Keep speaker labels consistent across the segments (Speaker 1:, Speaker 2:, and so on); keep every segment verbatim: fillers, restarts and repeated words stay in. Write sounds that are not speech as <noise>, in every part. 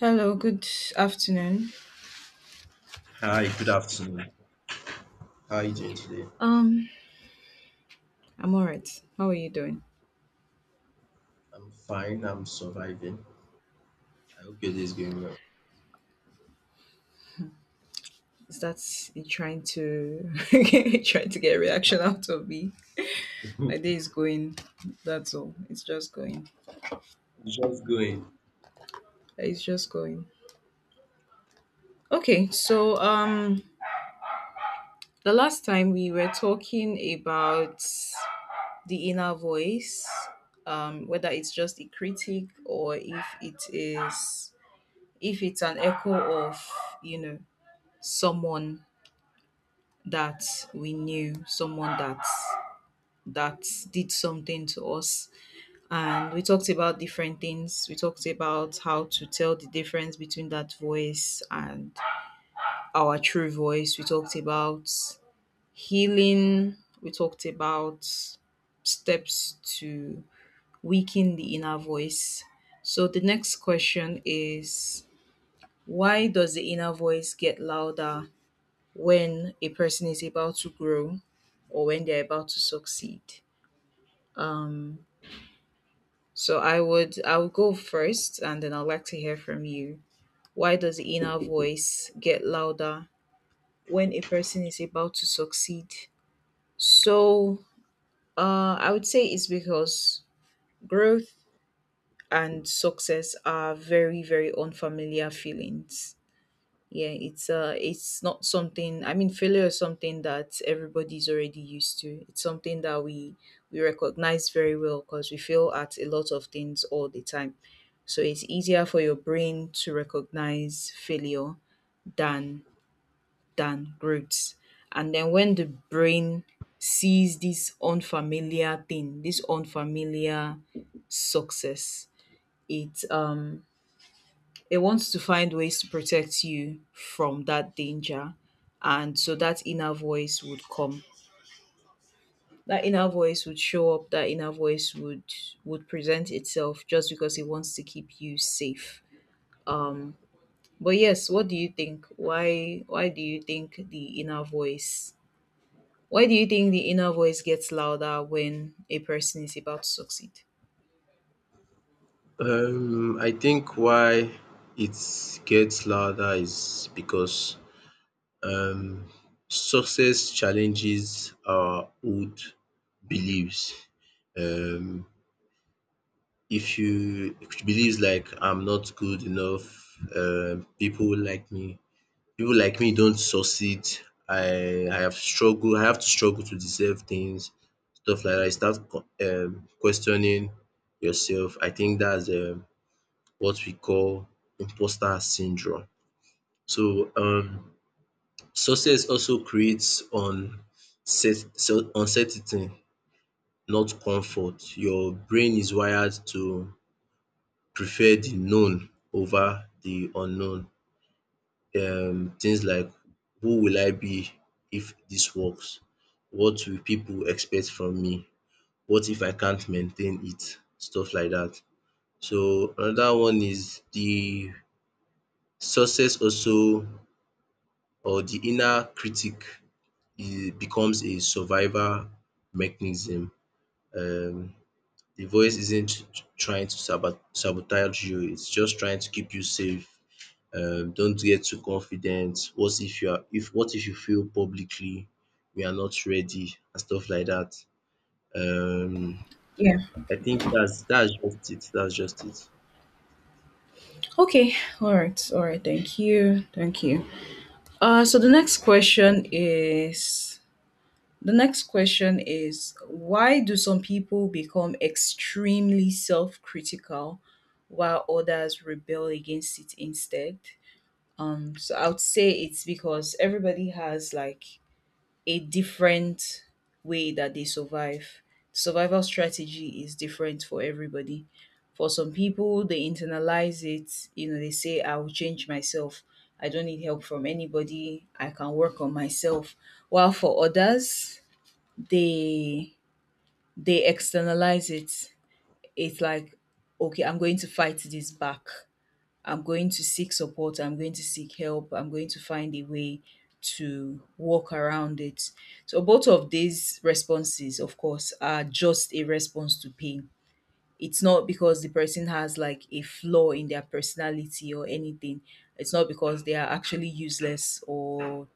Speaker 1: Hello, good afternoon.
Speaker 2: Hi, good afternoon. How are you doing today?
Speaker 1: Um, I'm alright. How are you doing?
Speaker 2: I'm fine. I'm surviving. I hope your day is going well.
Speaker 1: Is that you trying to <laughs> trying to get a reaction out of me? My
Speaker 2: <laughs>
Speaker 1: day is going. That's all. It's just going.
Speaker 2: Just going.
Speaker 1: It's just going. Okay, so um the last time we were talking about the inner voice, um, whether it's just a critic or if it is if it's an echo of, you know, someone that we knew, someone that that did something to us. And we talked about different things. We talked about how to tell the difference between that voice and our true voice. We talked about healing. We talked about steps to weaken the inner voice. So the next question is, why does the inner voice get louder when a person is about to grow or when they're about to succeed? Um, so I would I would go first, and then I'd like to hear from you. Why does the inner voice get louder when a person is about to succeed? So uh, I would say it's because growth and success are very very unfamiliar feelings. Yeah, it's uh it's not something. I mean, failure is something that everybody's already used to. It's something that we we recognize very well because we fail at a lot of things all the time. So it's easier for your brain to recognize failure than than growth. And then when the brain sees this unfamiliar thing, this unfamiliar success, it um it wants to find ways to protect you from that danger. And so that inner voice would come. That inner voice would show up, that inner voice would would present itself just because it wants to keep you safe. Um but yes, what do you think? Why why do you think the inner voice why do you think the inner voice gets louder when a person is about to succeed?
Speaker 2: Um, I think why it gets louder is because um, success challenges our old beliefs. Um, if you if you believes like I'm not good enough, um, people like me People like me don't succeed. I I have struggled. I have to struggle to deserve things, stuff like that. You start co- um questioning yourself. I think that's um what we call imposter syndrome. So um success also creates on so- uncertainty, not comfort. Your brain is wired to prefer the known over the unknown. Um things like who will I be if this works? What will people expect from me? What if I can't maintain it? Stuff like that. So another one is the success also or the inner critic e becomes a survival mechanism. Um the voice isn't trying to sabo sabotage you, it's just trying to keep you safe, um don't get too confident, what if you are if what if you fail publicly. We are not ready and stuff like that. Um
Speaker 1: Yeah.
Speaker 2: I think that's that's just it, that's just it.
Speaker 1: Okay. All right. All right. Thank you. Thank you. Uh, so the next question is, the next question is, why do some people become extremely self critical while others rebel against it instead? Um, so I would say it's because everybody has like a different way that they survive. Survival strategy is different for everybody. For some people, they internalize it, you know, they say, I will change myself. I don't need help from anybody. I can work on myself. While for others, they they externalize it. It's like, okay, I'm going to fight this back. I'm going to seek support. I'm going to seek help. I'm going to find a way to walk around it. So both of these responses, of course, are just a response to pain. It's not because the person has like a flaw in their personality or anything. It's not because they are actually useless or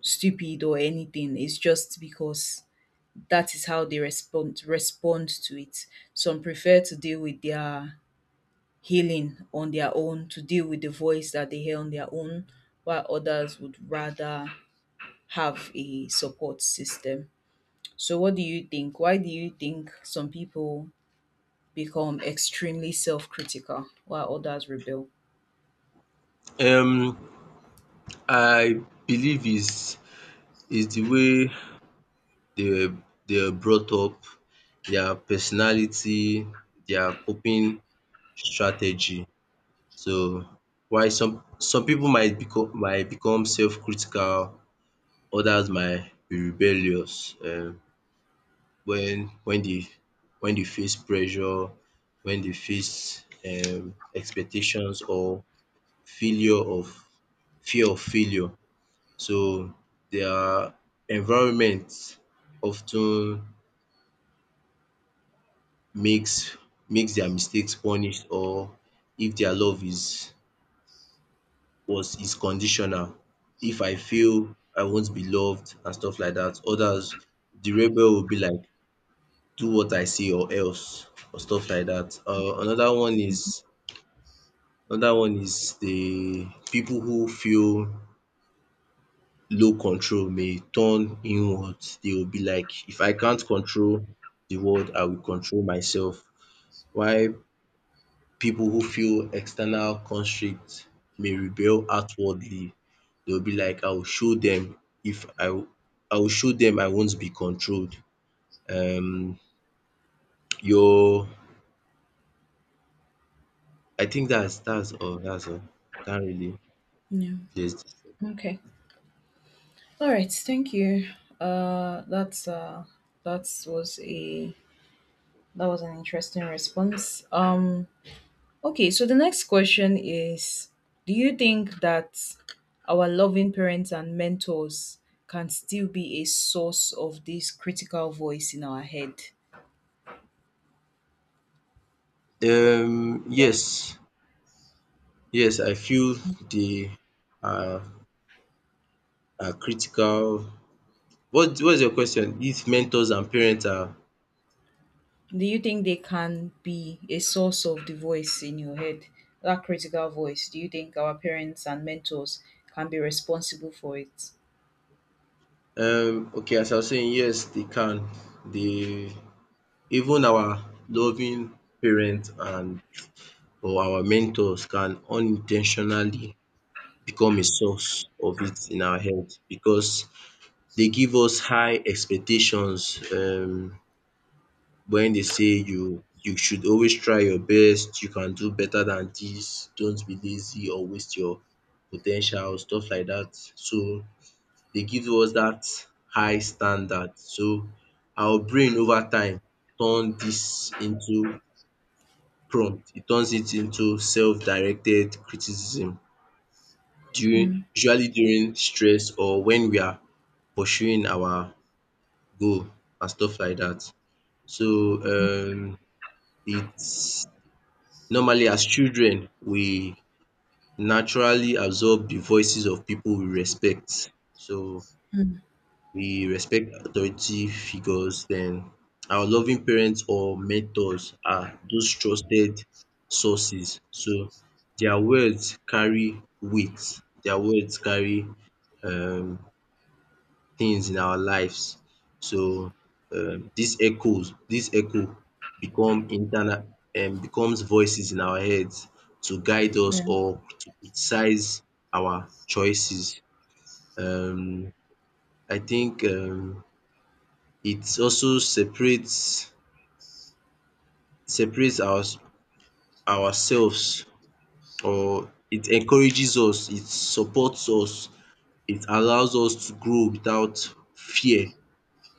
Speaker 1: stupid or anything. It's just because that is how they respond respond to it. Some prefer to deal with their healing on their own, to deal with the voice that they hear on their own, while others would rather have a support system. So what do you think? Why do you think some people become extremely self-critical while others rebel?
Speaker 2: Um I believe is is the way they were they were brought up, their personality, their coping strategy. So why some some people might become might become self critical, others might be rebellious um when when they when they face pressure, when they face um expectations or failure of fear of failure. So their environment often makes makes their mistakes punished or if their love is was is conditional. If I fail, I won't be loved and stuff like that. Others, the rebel will be like do what I say or else or stuff like that. um Another one is Another one is the people who feel low control may turn inwards. They will be like, if I can't control the world, I will control myself. While people who feel external constrict may rebel outwardly. They will be like, I will show them. If I w- I will show them I won't be controlled. Um, your I think that's that's all. That's all. Can't really
Speaker 1: Yeah.
Speaker 2: place
Speaker 1: Okay. All right. Thank you. Uh, that's uh, that was a that was an interesting response. Um, Okay, so the next question is, do you think that our loving parents and mentors can still be a source of this critical voice in our head?
Speaker 2: this. Um,
Speaker 1: Yeah.
Speaker 2: yes. Yes, I feel they are are critical. What what's your question? If mentors and parents are
Speaker 1: Do you think they can be a source of the voice in your head, that critical voice? Do you think our parents and mentors can be responsible for it?
Speaker 2: um okay, as I was saying, yes, they can. They even our loving parents and or our mentors can unintentionally become a source of it in our head because they give us high expectations. Um when they say you you should always try your best, you can do better than this. Don't be lazy or waste your po ten tial, stuff like that. So they give us that high standard. So our brain over time turn this into prompt. It turns it into self-directed criticism during
Speaker 1: Mm-hmm.
Speaker 2: usually during stress or when we are pursuing our goal and stuff like that. So um it's Normally as children we naturally absorb the voices of people we respect. So we respect authority figures. Then our loving parents or mentors are those trusted sources. So their words carry weight. Their words carry um things in our lives. So um dis echoes This echo become internal um becomes voices in our heads to guide us
Speaker 1: Yeah.
Speaker 2: or to criticize our choices. Um I think um it also separates separates our ourselves or it encourages us, it supports us, it allows us to grow without fear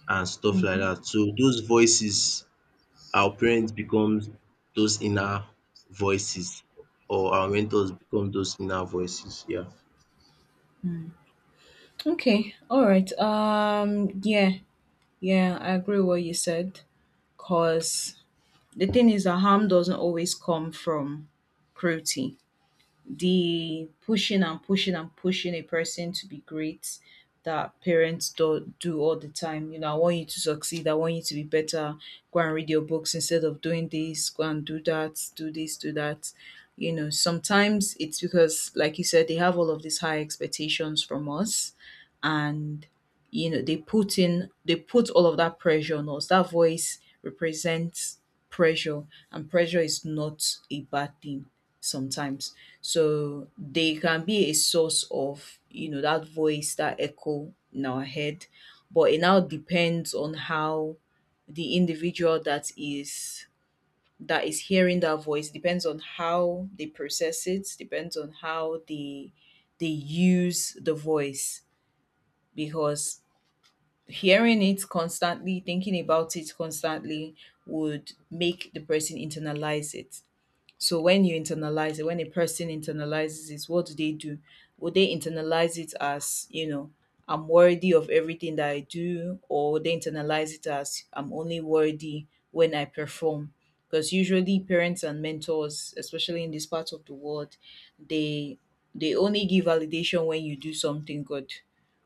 Speaker 2: and stuff like
Speaker 1: Mm-hmm.
Speaker 2: that. So those voices our parents becomes those inner voices or our mentors become those inner voices. Yeah.
Speaker 1: Okay, all right. Um, yeah, yeah, I agree with what you said. Cause the thing is that harm doesn't always come from cruelty, the pushing and pushing and pushing a person to be great that parents do, do all the time. You know, I want you to succeed. I want you to be better. Go and read your books instead of doing this. Go and do that. Do this, do that. You know, sometimes it's because, like you said, they have all of these high expectations from us. And, you know, they put in, they put all of that pressure on us. That voice represents pressure, and pressure is not a bad thing sometimes. So they can be a source of, you know, that voice, that echo in our head. But it now depends on how the individual that is that is hearing that voice, depends on how they process it, depends on how they they use the voice, because hearing it constantly, thinking about it constantly would make the person internalize it. So when you internalize it, when a person internalizes it, what do they do? Would they internalize it as, you know, I'm worthy of everything that I do, or would they internalize it as, I'm only worthy when I perform? Because usually parents and mentors, especially in this part of the world, they they only give validation when you do something good.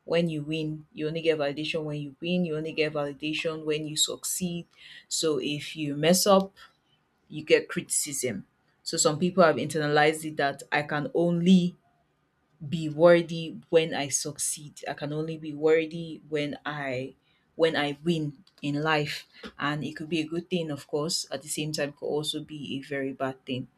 Speaker 1: When you win, you only get validation when you win, you only get validation when you succeed. So if you mess up, you get criticism. So some people have internalized it that I can only be worthy when I succeed. I can only be worthy when I when I win in life. And it could be a good thing, of course. At the same time, it could also be a very bad thing.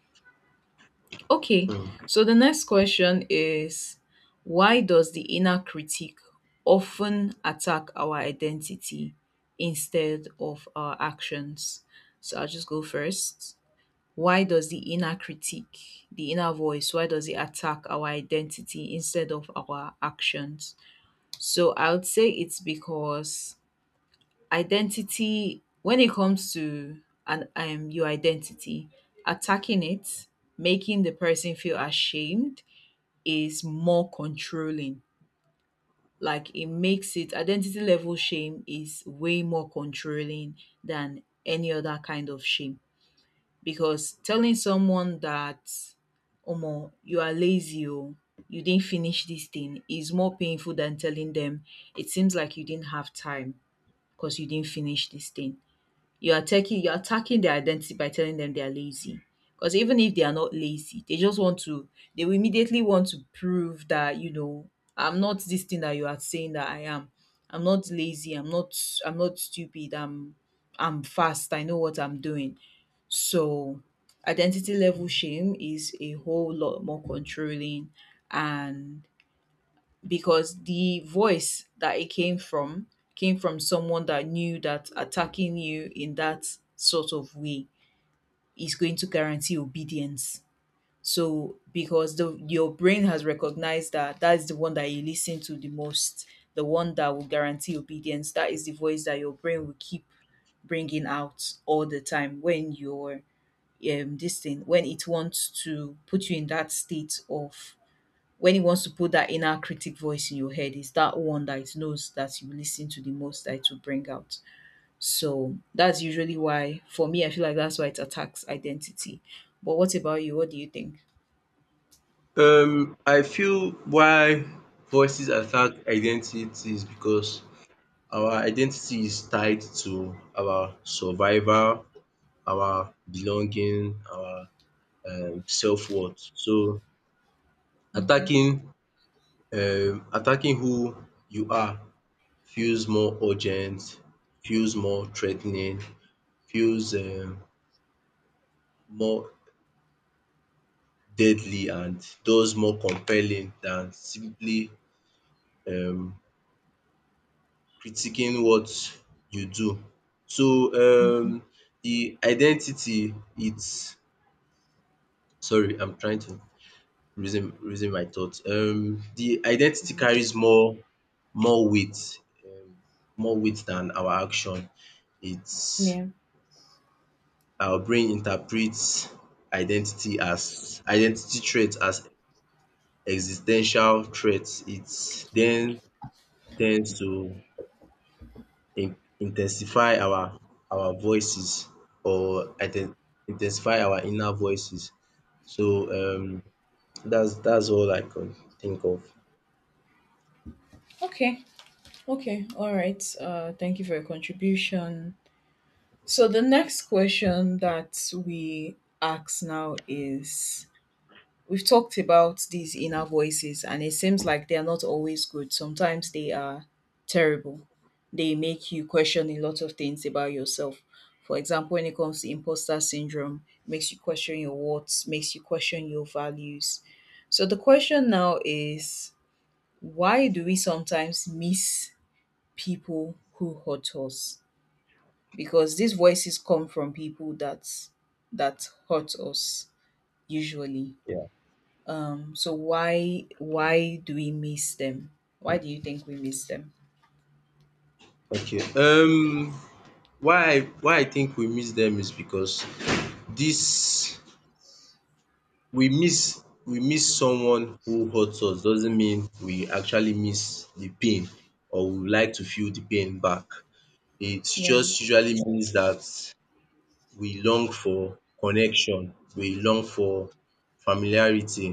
Speaker 1: Okay,
Speaker 2: Mm.
Speaker 1: so the next question is, why does the inner critic often attack our identity instead of our actions? So I'll just go first. Why does the inner critique, the inner voice, why does it attack our identity instead of our actions? So I would say it's because identity, when it comes to an um, your identity, attacking it, making the person feel ashamed, is more controlling. Like it makes it identity level shame is way more controlling than any other kind of shame, because telling someone that omo you are lazy oh you didn't finish this thing is more painful than telling them it seems like you didn't have time because you didn't finish this thing. You are taking you're attacking their identity by telling them they are lazy, because even if they are not lazy they just want to they will immediately want to prove that, you know I'm not this thing that you are saying that I am. I'm not lazy, i'm not I'm not stupid, i'm I'm fast, I know what I'm doing. So identity level shame is a whole lot more controlling, and because the voice that it came from came from someone that knew that attacking you in that sort of way is going to guarantee obedience. So because the your brain has recognized that that is the one that you listen to the most, the one that will guarantee obedience, that is the voice that your brain will keep bringing out all the time when you're um this thing, when it wants to put you in that state of when it wants to put that inner critic voice in your head, is that one that it knows that you listen to the most that it will bring out. So that's usually why, for me, I feel like that's why it attacks identity. But what about you? What do you think?
Speaker 2: Um, I feel why voices attack identity is because our identity is tied to our survival, our belonging, our um self-worth. So
Speaker 1: Okay.
Speaker 2: attacking um attacking who you are feels more urgent, feels more threatening, feels um more deadly and thus more compelling than simply um critiquing what you do. So
Speaker 1: Mhm.
Speaker 2: um the identity it's sorry, I'm trying to reason reason my thoughts. Um the identity carries more more weight, um more weight than our action. It's
Speaker 1: Yeah.
Speaker 2: our brain interprets identity as identity threat as existential ten tial. It then tends to in in our our voices or iden identify our inner voices. So um that's dats all I can think of.
Speaker 1: Okay. Okay. All right. Uh, thank you for your contribution. So the next question that we ask now is, we've talked about these inner voices, and it seems like they are not always good. Sometimes they are terrible. They make you question a lot of things about yourself. For example, when it comes to imposter syndrome, makes you question your worth, makes you question your values. So the question now is, why do we sometimes miss people who hurt us? Because these voices come from people that that hurt us usually.
Speaker 2: Yeah.
Speaker 1: Um, so why why do we miss them? Why do you think we miss them?
Speaker 2: Okay. Um why I why I think we miss them is because this we miss we miss someone who hurts us doesn't mean we actually miss the pain or we would like to feel the pain back. It
Speaker 1: Yeah.
Speaker 2: just usually means that we long for connection, we long for familiarity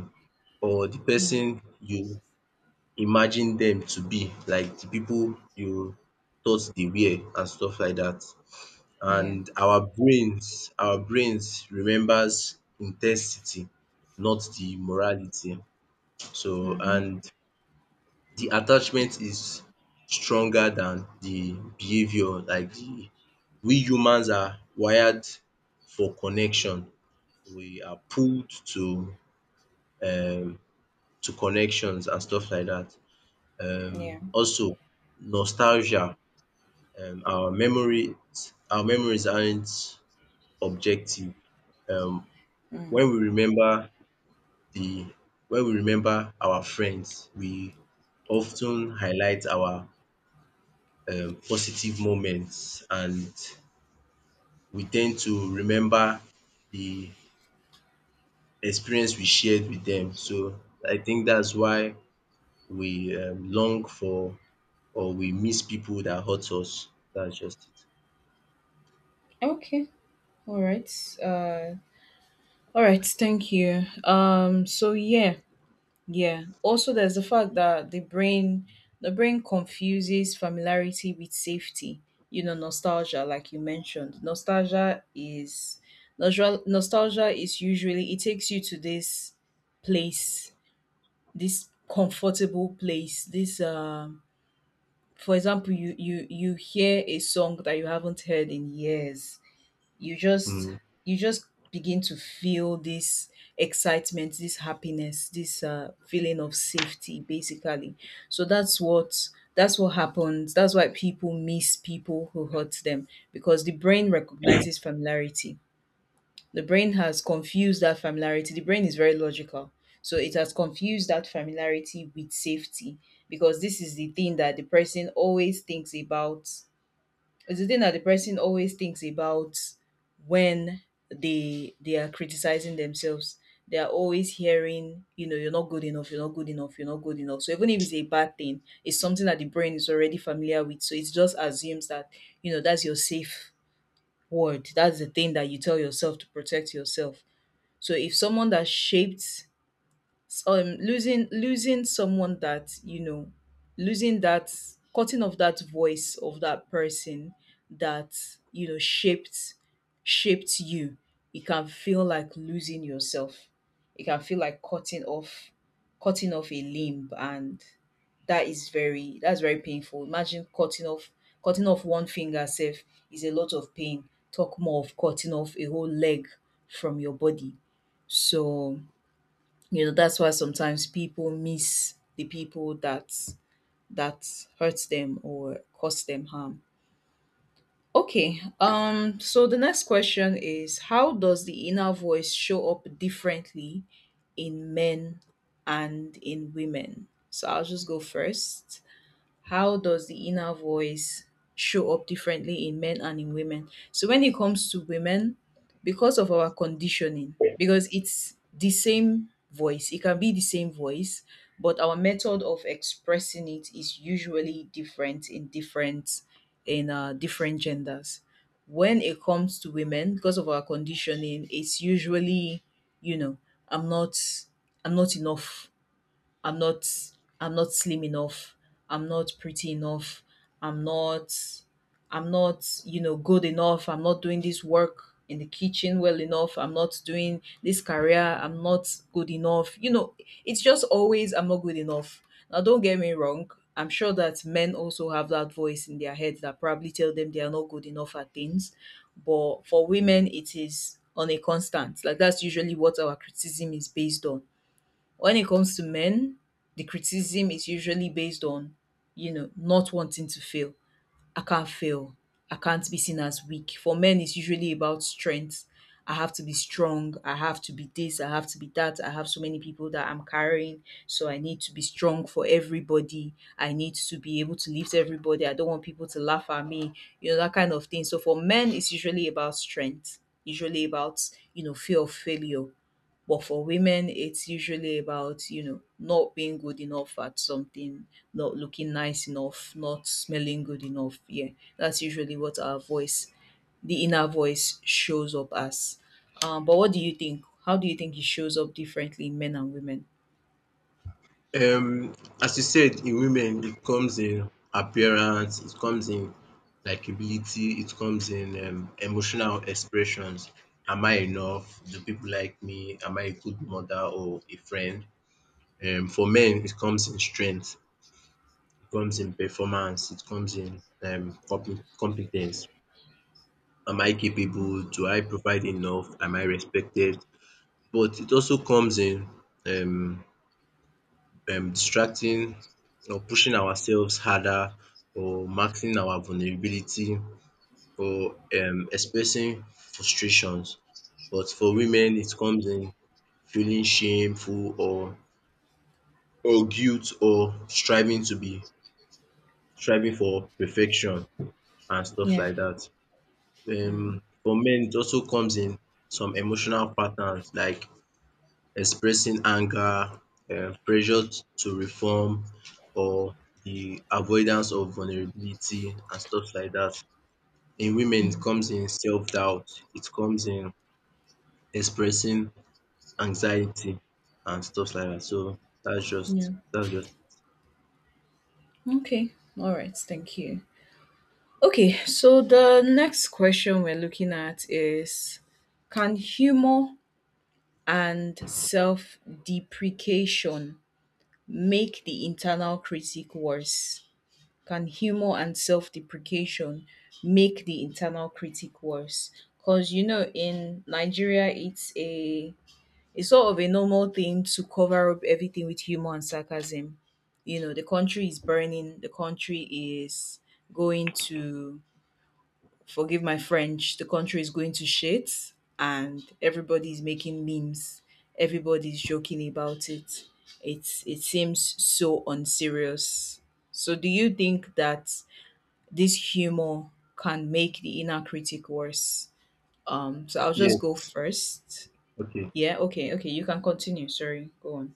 Speaker 2: or the
Speaker 1: Mm.
Speaker 2: person you imagine them to be, like the people you thought they were and stuff like that.
Speaker 1: Yeah.
Speaker 2: And our brains, our brains remembers intensity, not the morality. So
Speaker 1: Mm-hmm.
Speaker 2: and the attachment is stronger than the behaviour, like the we humans are wired for connection. We are pulled to um to connections and stuff like that.
Speaker 1: Yeah.
Speaker 2: Um also nostalgia, um our memory our memories aren't objective. Um
Speaker 1: Mm.
Speaker 2: when we remember the when we remember our friends, we often highlight our um positive moments and we tend to remember the experience we shared with them. So I think that's why we um, long for or we miss people that hurt us. That's just it.
Speaker 1: Okay. All right. Uh, all right. Thank you. Um. So yeah. Yeah. Also, there's the fact that the brain the brain confuses familiarity with safety. You know, nostalgia, like you mentioned. Nostalgia is nostalgia. Nostalgia is usually it takes you to this place, this comfortable place, this um for example, you you you hear a song that you haven't heard in years. You just
Speaker 2: Mm.
Speaker 1: you just begin to feel this excitement, this happiness, this uh feeling of safety basically. So that's what that's what happens. That's why people miss people who hurt them, because the brain recognizes familiarity, the brain has confused that familiarity. The brain is very logical. So it has confused that familiarity with safety because this is the thing that the person always thinks about. It's the thing that the person always thinks about when they they are criticizing themselves. They are always hearing, you know, you're not good enough, you're not good enough, you're not good enough. So even if it's a bad thing, it's something that the brain is already familiar with. So it just assumes that, you know, that's your safe word. That's the thing that you tell yourself to protect yourself so if someone that shaped so, um, losing losing someone that you know, losing that cutting off that voice of that person that you know shaped shaped you. It can feel like losing yourself. It can feel like cutting off cutting off a limb and that is very that's very painful. Imagine cutting off cutting off one finger self is a lot of pain. Talk more of cutting off a whole leg from your body. So you know, that's why sometimes people miss the people that that hurts them or cause them harm. Okay, um, so the next question is how does the inner voice show up differently in men and in women? So I'll just go first. How does the inner voice show up differently in men and in women? So when it comes to women, because of our conditioning, because it's the same voice, it can be the same voice, but our method of expressing it is usually different in different in uh, different genders. When it comes to women, because of our conditioning, it's usually, you know, I'm not I'm not enough. I'm not I'm not slim enough. I'm not pretty enough. I'm not I'm not, you know, good enough. I'm not doing this work in the kitchen well enough. I'm not doing this career. I'm not good enough. You know, it's just always I'm not good enough. Now don't get me wrong. I'm sure that men also have that voice in their heads that probably tell them they are not good enough at things. But for women it is on a constant. Like that's usually what our criticism is based on. When it comes to men, the criticism is usually based on, you know, not wanting to fail. I can't fail. I can't be seen as weak. For men, it's usually about strength. I have to be strong. I have to be this. I have to be that. I have so many people that I'm carrying. So I need to be strong for everybody. I need to be able to lift everybody. I don't want people to laugh at me, you know, that kind of thing. So for men, it's usually about strength, usually about, you know, fear of failure. But for women, it's usually about, you know, not being good enough at something, not looking nice enough, not smelling good enough. Yeah, that's usually what our voice, the inner voice, shows up as. Um, but what do you think? How do you think it shows up differently in men and women?
Speaker 2: Um, as you said, in women, it comes in appearance, it comes in likability, it comes in um, emotional expressions. Am I enough? Do people like me? Am I a good mother or a friend? Um, for men, it comes in strength, it comes in performance, it comes in um, compe- competence. Am I capable? Do I provide enough? Am I respected? But it also comes in um um distracting or pushing ourselves harder or marking our vulnerability or um expressing frustrations. But for women it comes in feeling shameful or or guilt or striving to be striving for perfection and stuff
Speaker 1: Yeah.
Speaker 2: like that.
Speaker 1: Mm.
Speaker 2: um For men it also comes in some emotional patterns like expressing anger, um pressure t- to reform or the avoidance of vulnerability and stuff like that. In women it comes in self-doubt, it comes in expressing anxiety and stuff like that. So that's just
Speaker 1: Yeah.
Speaker 2: that's just
Speaker 1: Okay. All right. Thank you. Okay. So the next question we're looking at is, can humor and self deprecation make the internal critic worse? Can humor and self deprecation make the internal critic worse? Because, you know, in Nigeria, it's a it's sort of a normal thing to cover up everything with humor and sarcasm. You know, the country is burning, the country is going to, forgive my French, the country is going to shit and everybody's making memes. Everybody's joking about it. It's it seems so unserious. So do you think that this humor can make the inner critic worse? Um so I'll just go
Speaker 2: yes.
Speaker 1: first.
Speaker 2: Okay.
Speaker 1: Yeah, okay, okay, you can continue. Sorry, go on.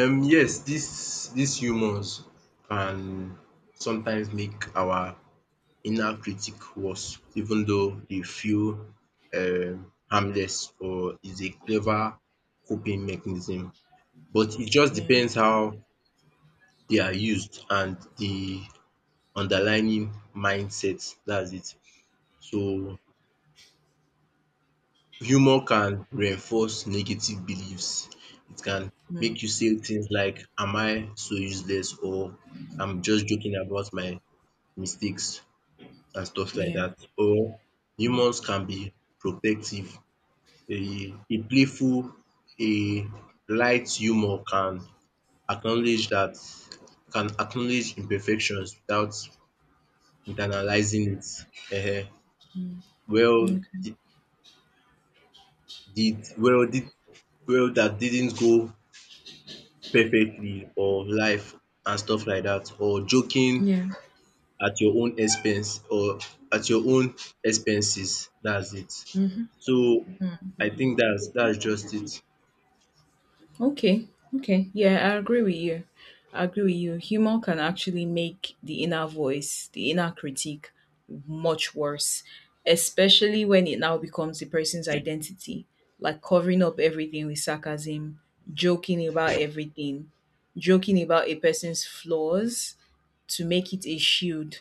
Speaker 2: Um yes, this these humors can sometimes make our inner critic was, even though they feel um, harmless or is a clever coping mechanism. But it just
Speaker 1: Yeah.
Speaker 2: depends how they are used and the underlying mindset. That's it. So humor can reinforce negative beliefs. It can
Speaker 1: Mm.
Speaker 2: make you say things like, am I so useless? Or I'm just joking about my mistakes and stuff like
Speaker 1: Yeah.
Speaker 2: that. Or humors can be protective, a a playful, a light humor can acknowledge that can acknowledge imperfections without internalizing it. Ehen. Well
Speaker 1: Okay.
Speaker 2: did did well did Well that didn't go perfectly or life and stuff like that or joking
Speaker 1: Yeah.
Speaker 2: at your own expense or at your own expenses. That's it. So I think that's that's just it.
Speaker 1: Okay, okay. Yeah, I agree with you. I agree with you. Humor can actually make the inner voice, the inner critique, much worse, especially when it now becomes the person's identity, like covering up everything with sarcasm, joking about everything, joking about a person's flaws to make it a shield.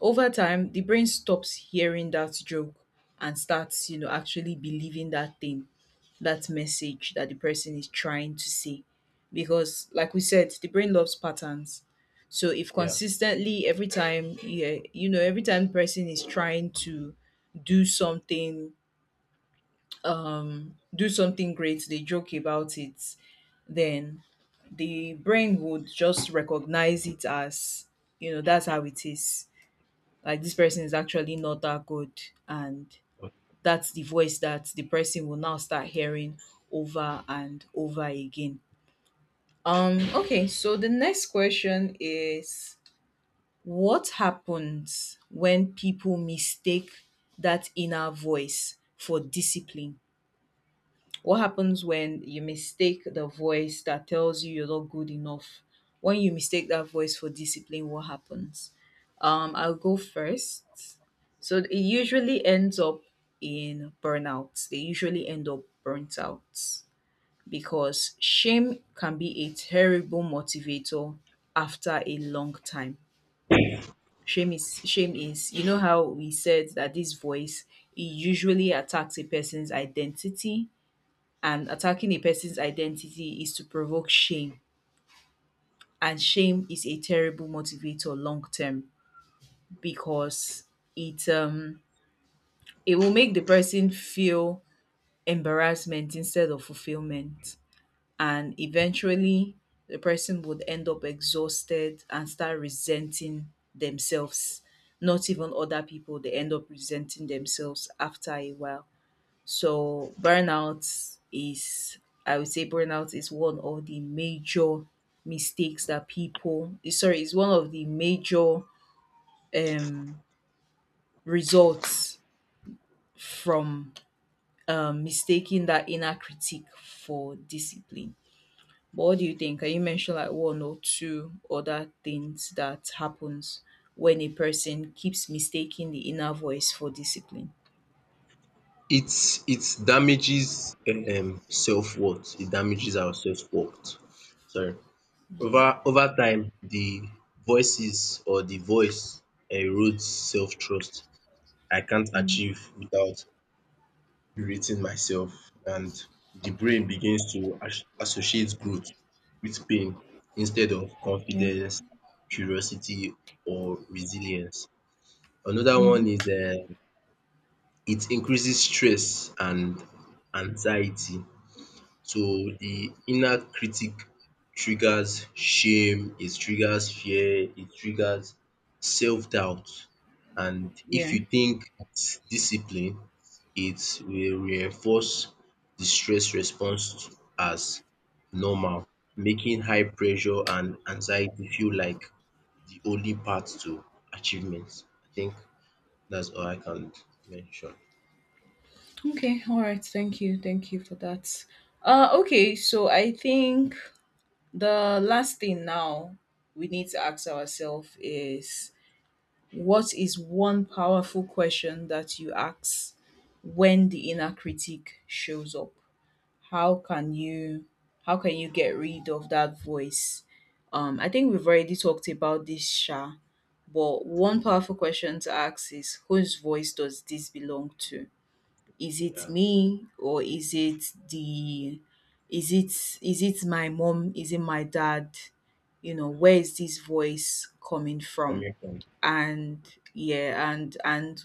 Speaker 1: Over time, the brain stops hearing that joke and starts, you know, actually believing that thing that message that the person is trying to say. Because, like we said, the brain loves patterns. So if
Speaker 2: Yeah.
Speaker 1: consistently every time, yeah, you know every time the person is trying to do something do something great, they joke about it, then the brain would just recognize it as, you know that's how it is. Like this person is actually not that good, and that's the voice that the person will now start hearing over and over again. Um, okay, so the next question is, what happens when people mistake that inner voice for discipline? What happens when you mistake the voice that tells you you're not good enough? When you mistake that voice for discipline, what happens? Um, I'll go first. So it usually ends up in burnout. They usually end up burnt out because shame can be a terrible motivator after a long time. Shame is shame is you know how we said that this voice it usually attacks a person's identity and attacking a person's identity is to provoke shame, and shame is a terrible motivator long term because it um it will make the person feel embarrassment instead of fulfillment, and eventually the person would end up exhausted and start resenting themselves, not even other people, they end up resenting themselves after a while. So burnout is, I would say burnout is one of the major mistakes that people eh, sorry, is one of the major um results from um, mistaking that inner critique for discipline. But what do you think? Can you mention like one or two other things that happens when a person keeps mistaking the inner voice for discipline?
Speaker 2: It it damages um self worth, it damages our self worth, sorry. Over over time the voices or the voice erodes self trust. I can't
Speaker 1: Mm,
Speaker 2: achieve without berating myself and the brain begins to as- associate growth with pain instead of
Speaker 1: yeah.
Speaker 2: confidence, curiosity or resilience. Another one
Speaker 1: Mm-hmm.
Speaker 2: is um it increases stress and anxiety. So the inner critic triggers shame, it triggers fear, it triggers self-doubt and if
Speaker 1: Yeah.
Speaker 2: you think it's discipline, it will reinforce the stress response as normal, making high pressure and anxiety feel like the only path to achievement. I think that's all I can mention.
Speaker 1: Okay. All right. Thank you. Thank you for that. Uh, okay. So I think the last thing now we need to ask ourselves is, what is one powerful question that you ask when the inner critic shows up? how can you how can you get rid of that voice? Um, I think we've already talked about this, Sha. But one powerful question to ask is, whose voice does this belong to? Is it
Speaker 2: Yeah,
Speaker 1: me, or is it the, is it is it my mom? Is it my dad? You know, where
Speaker 2: yeah.
Speaker 1: is this voice coming from?
Speaker 2: Coming from
Speaker 1: And yeah, and and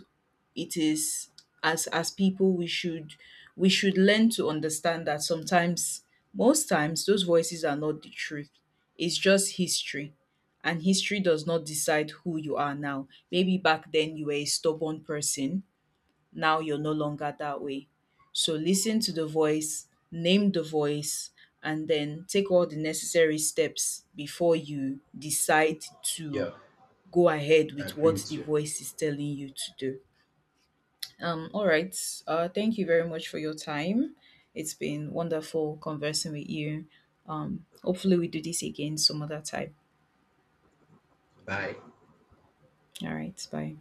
Speaker 1: it is, as as people we should, we should learn to understand that sometimes, most times, those voices are not the truth, it's just history, and history does not decide who you are now. Maybe back then you were a stubborn person, now you're no longer that way. So listen to the voice, name the voice, and then take all the necessary steps before you decide to
Speaker 2: yeah,
Speaker 1: go ahead
Speaker 2: I
Speaker 1: with
Speaker 2: agree
Speaker 1: what
Speaker 2: with
Speaker 1: the
Speaker 2: you.
Speaker 1: voice is telling you to do. Um, all right. Uh, thank you very much for your time. It's been wonderful conversing with you. Um, hopefully, we do this again some other time.
Speaker 2: Bye.
Speaker 1: All right. Bye.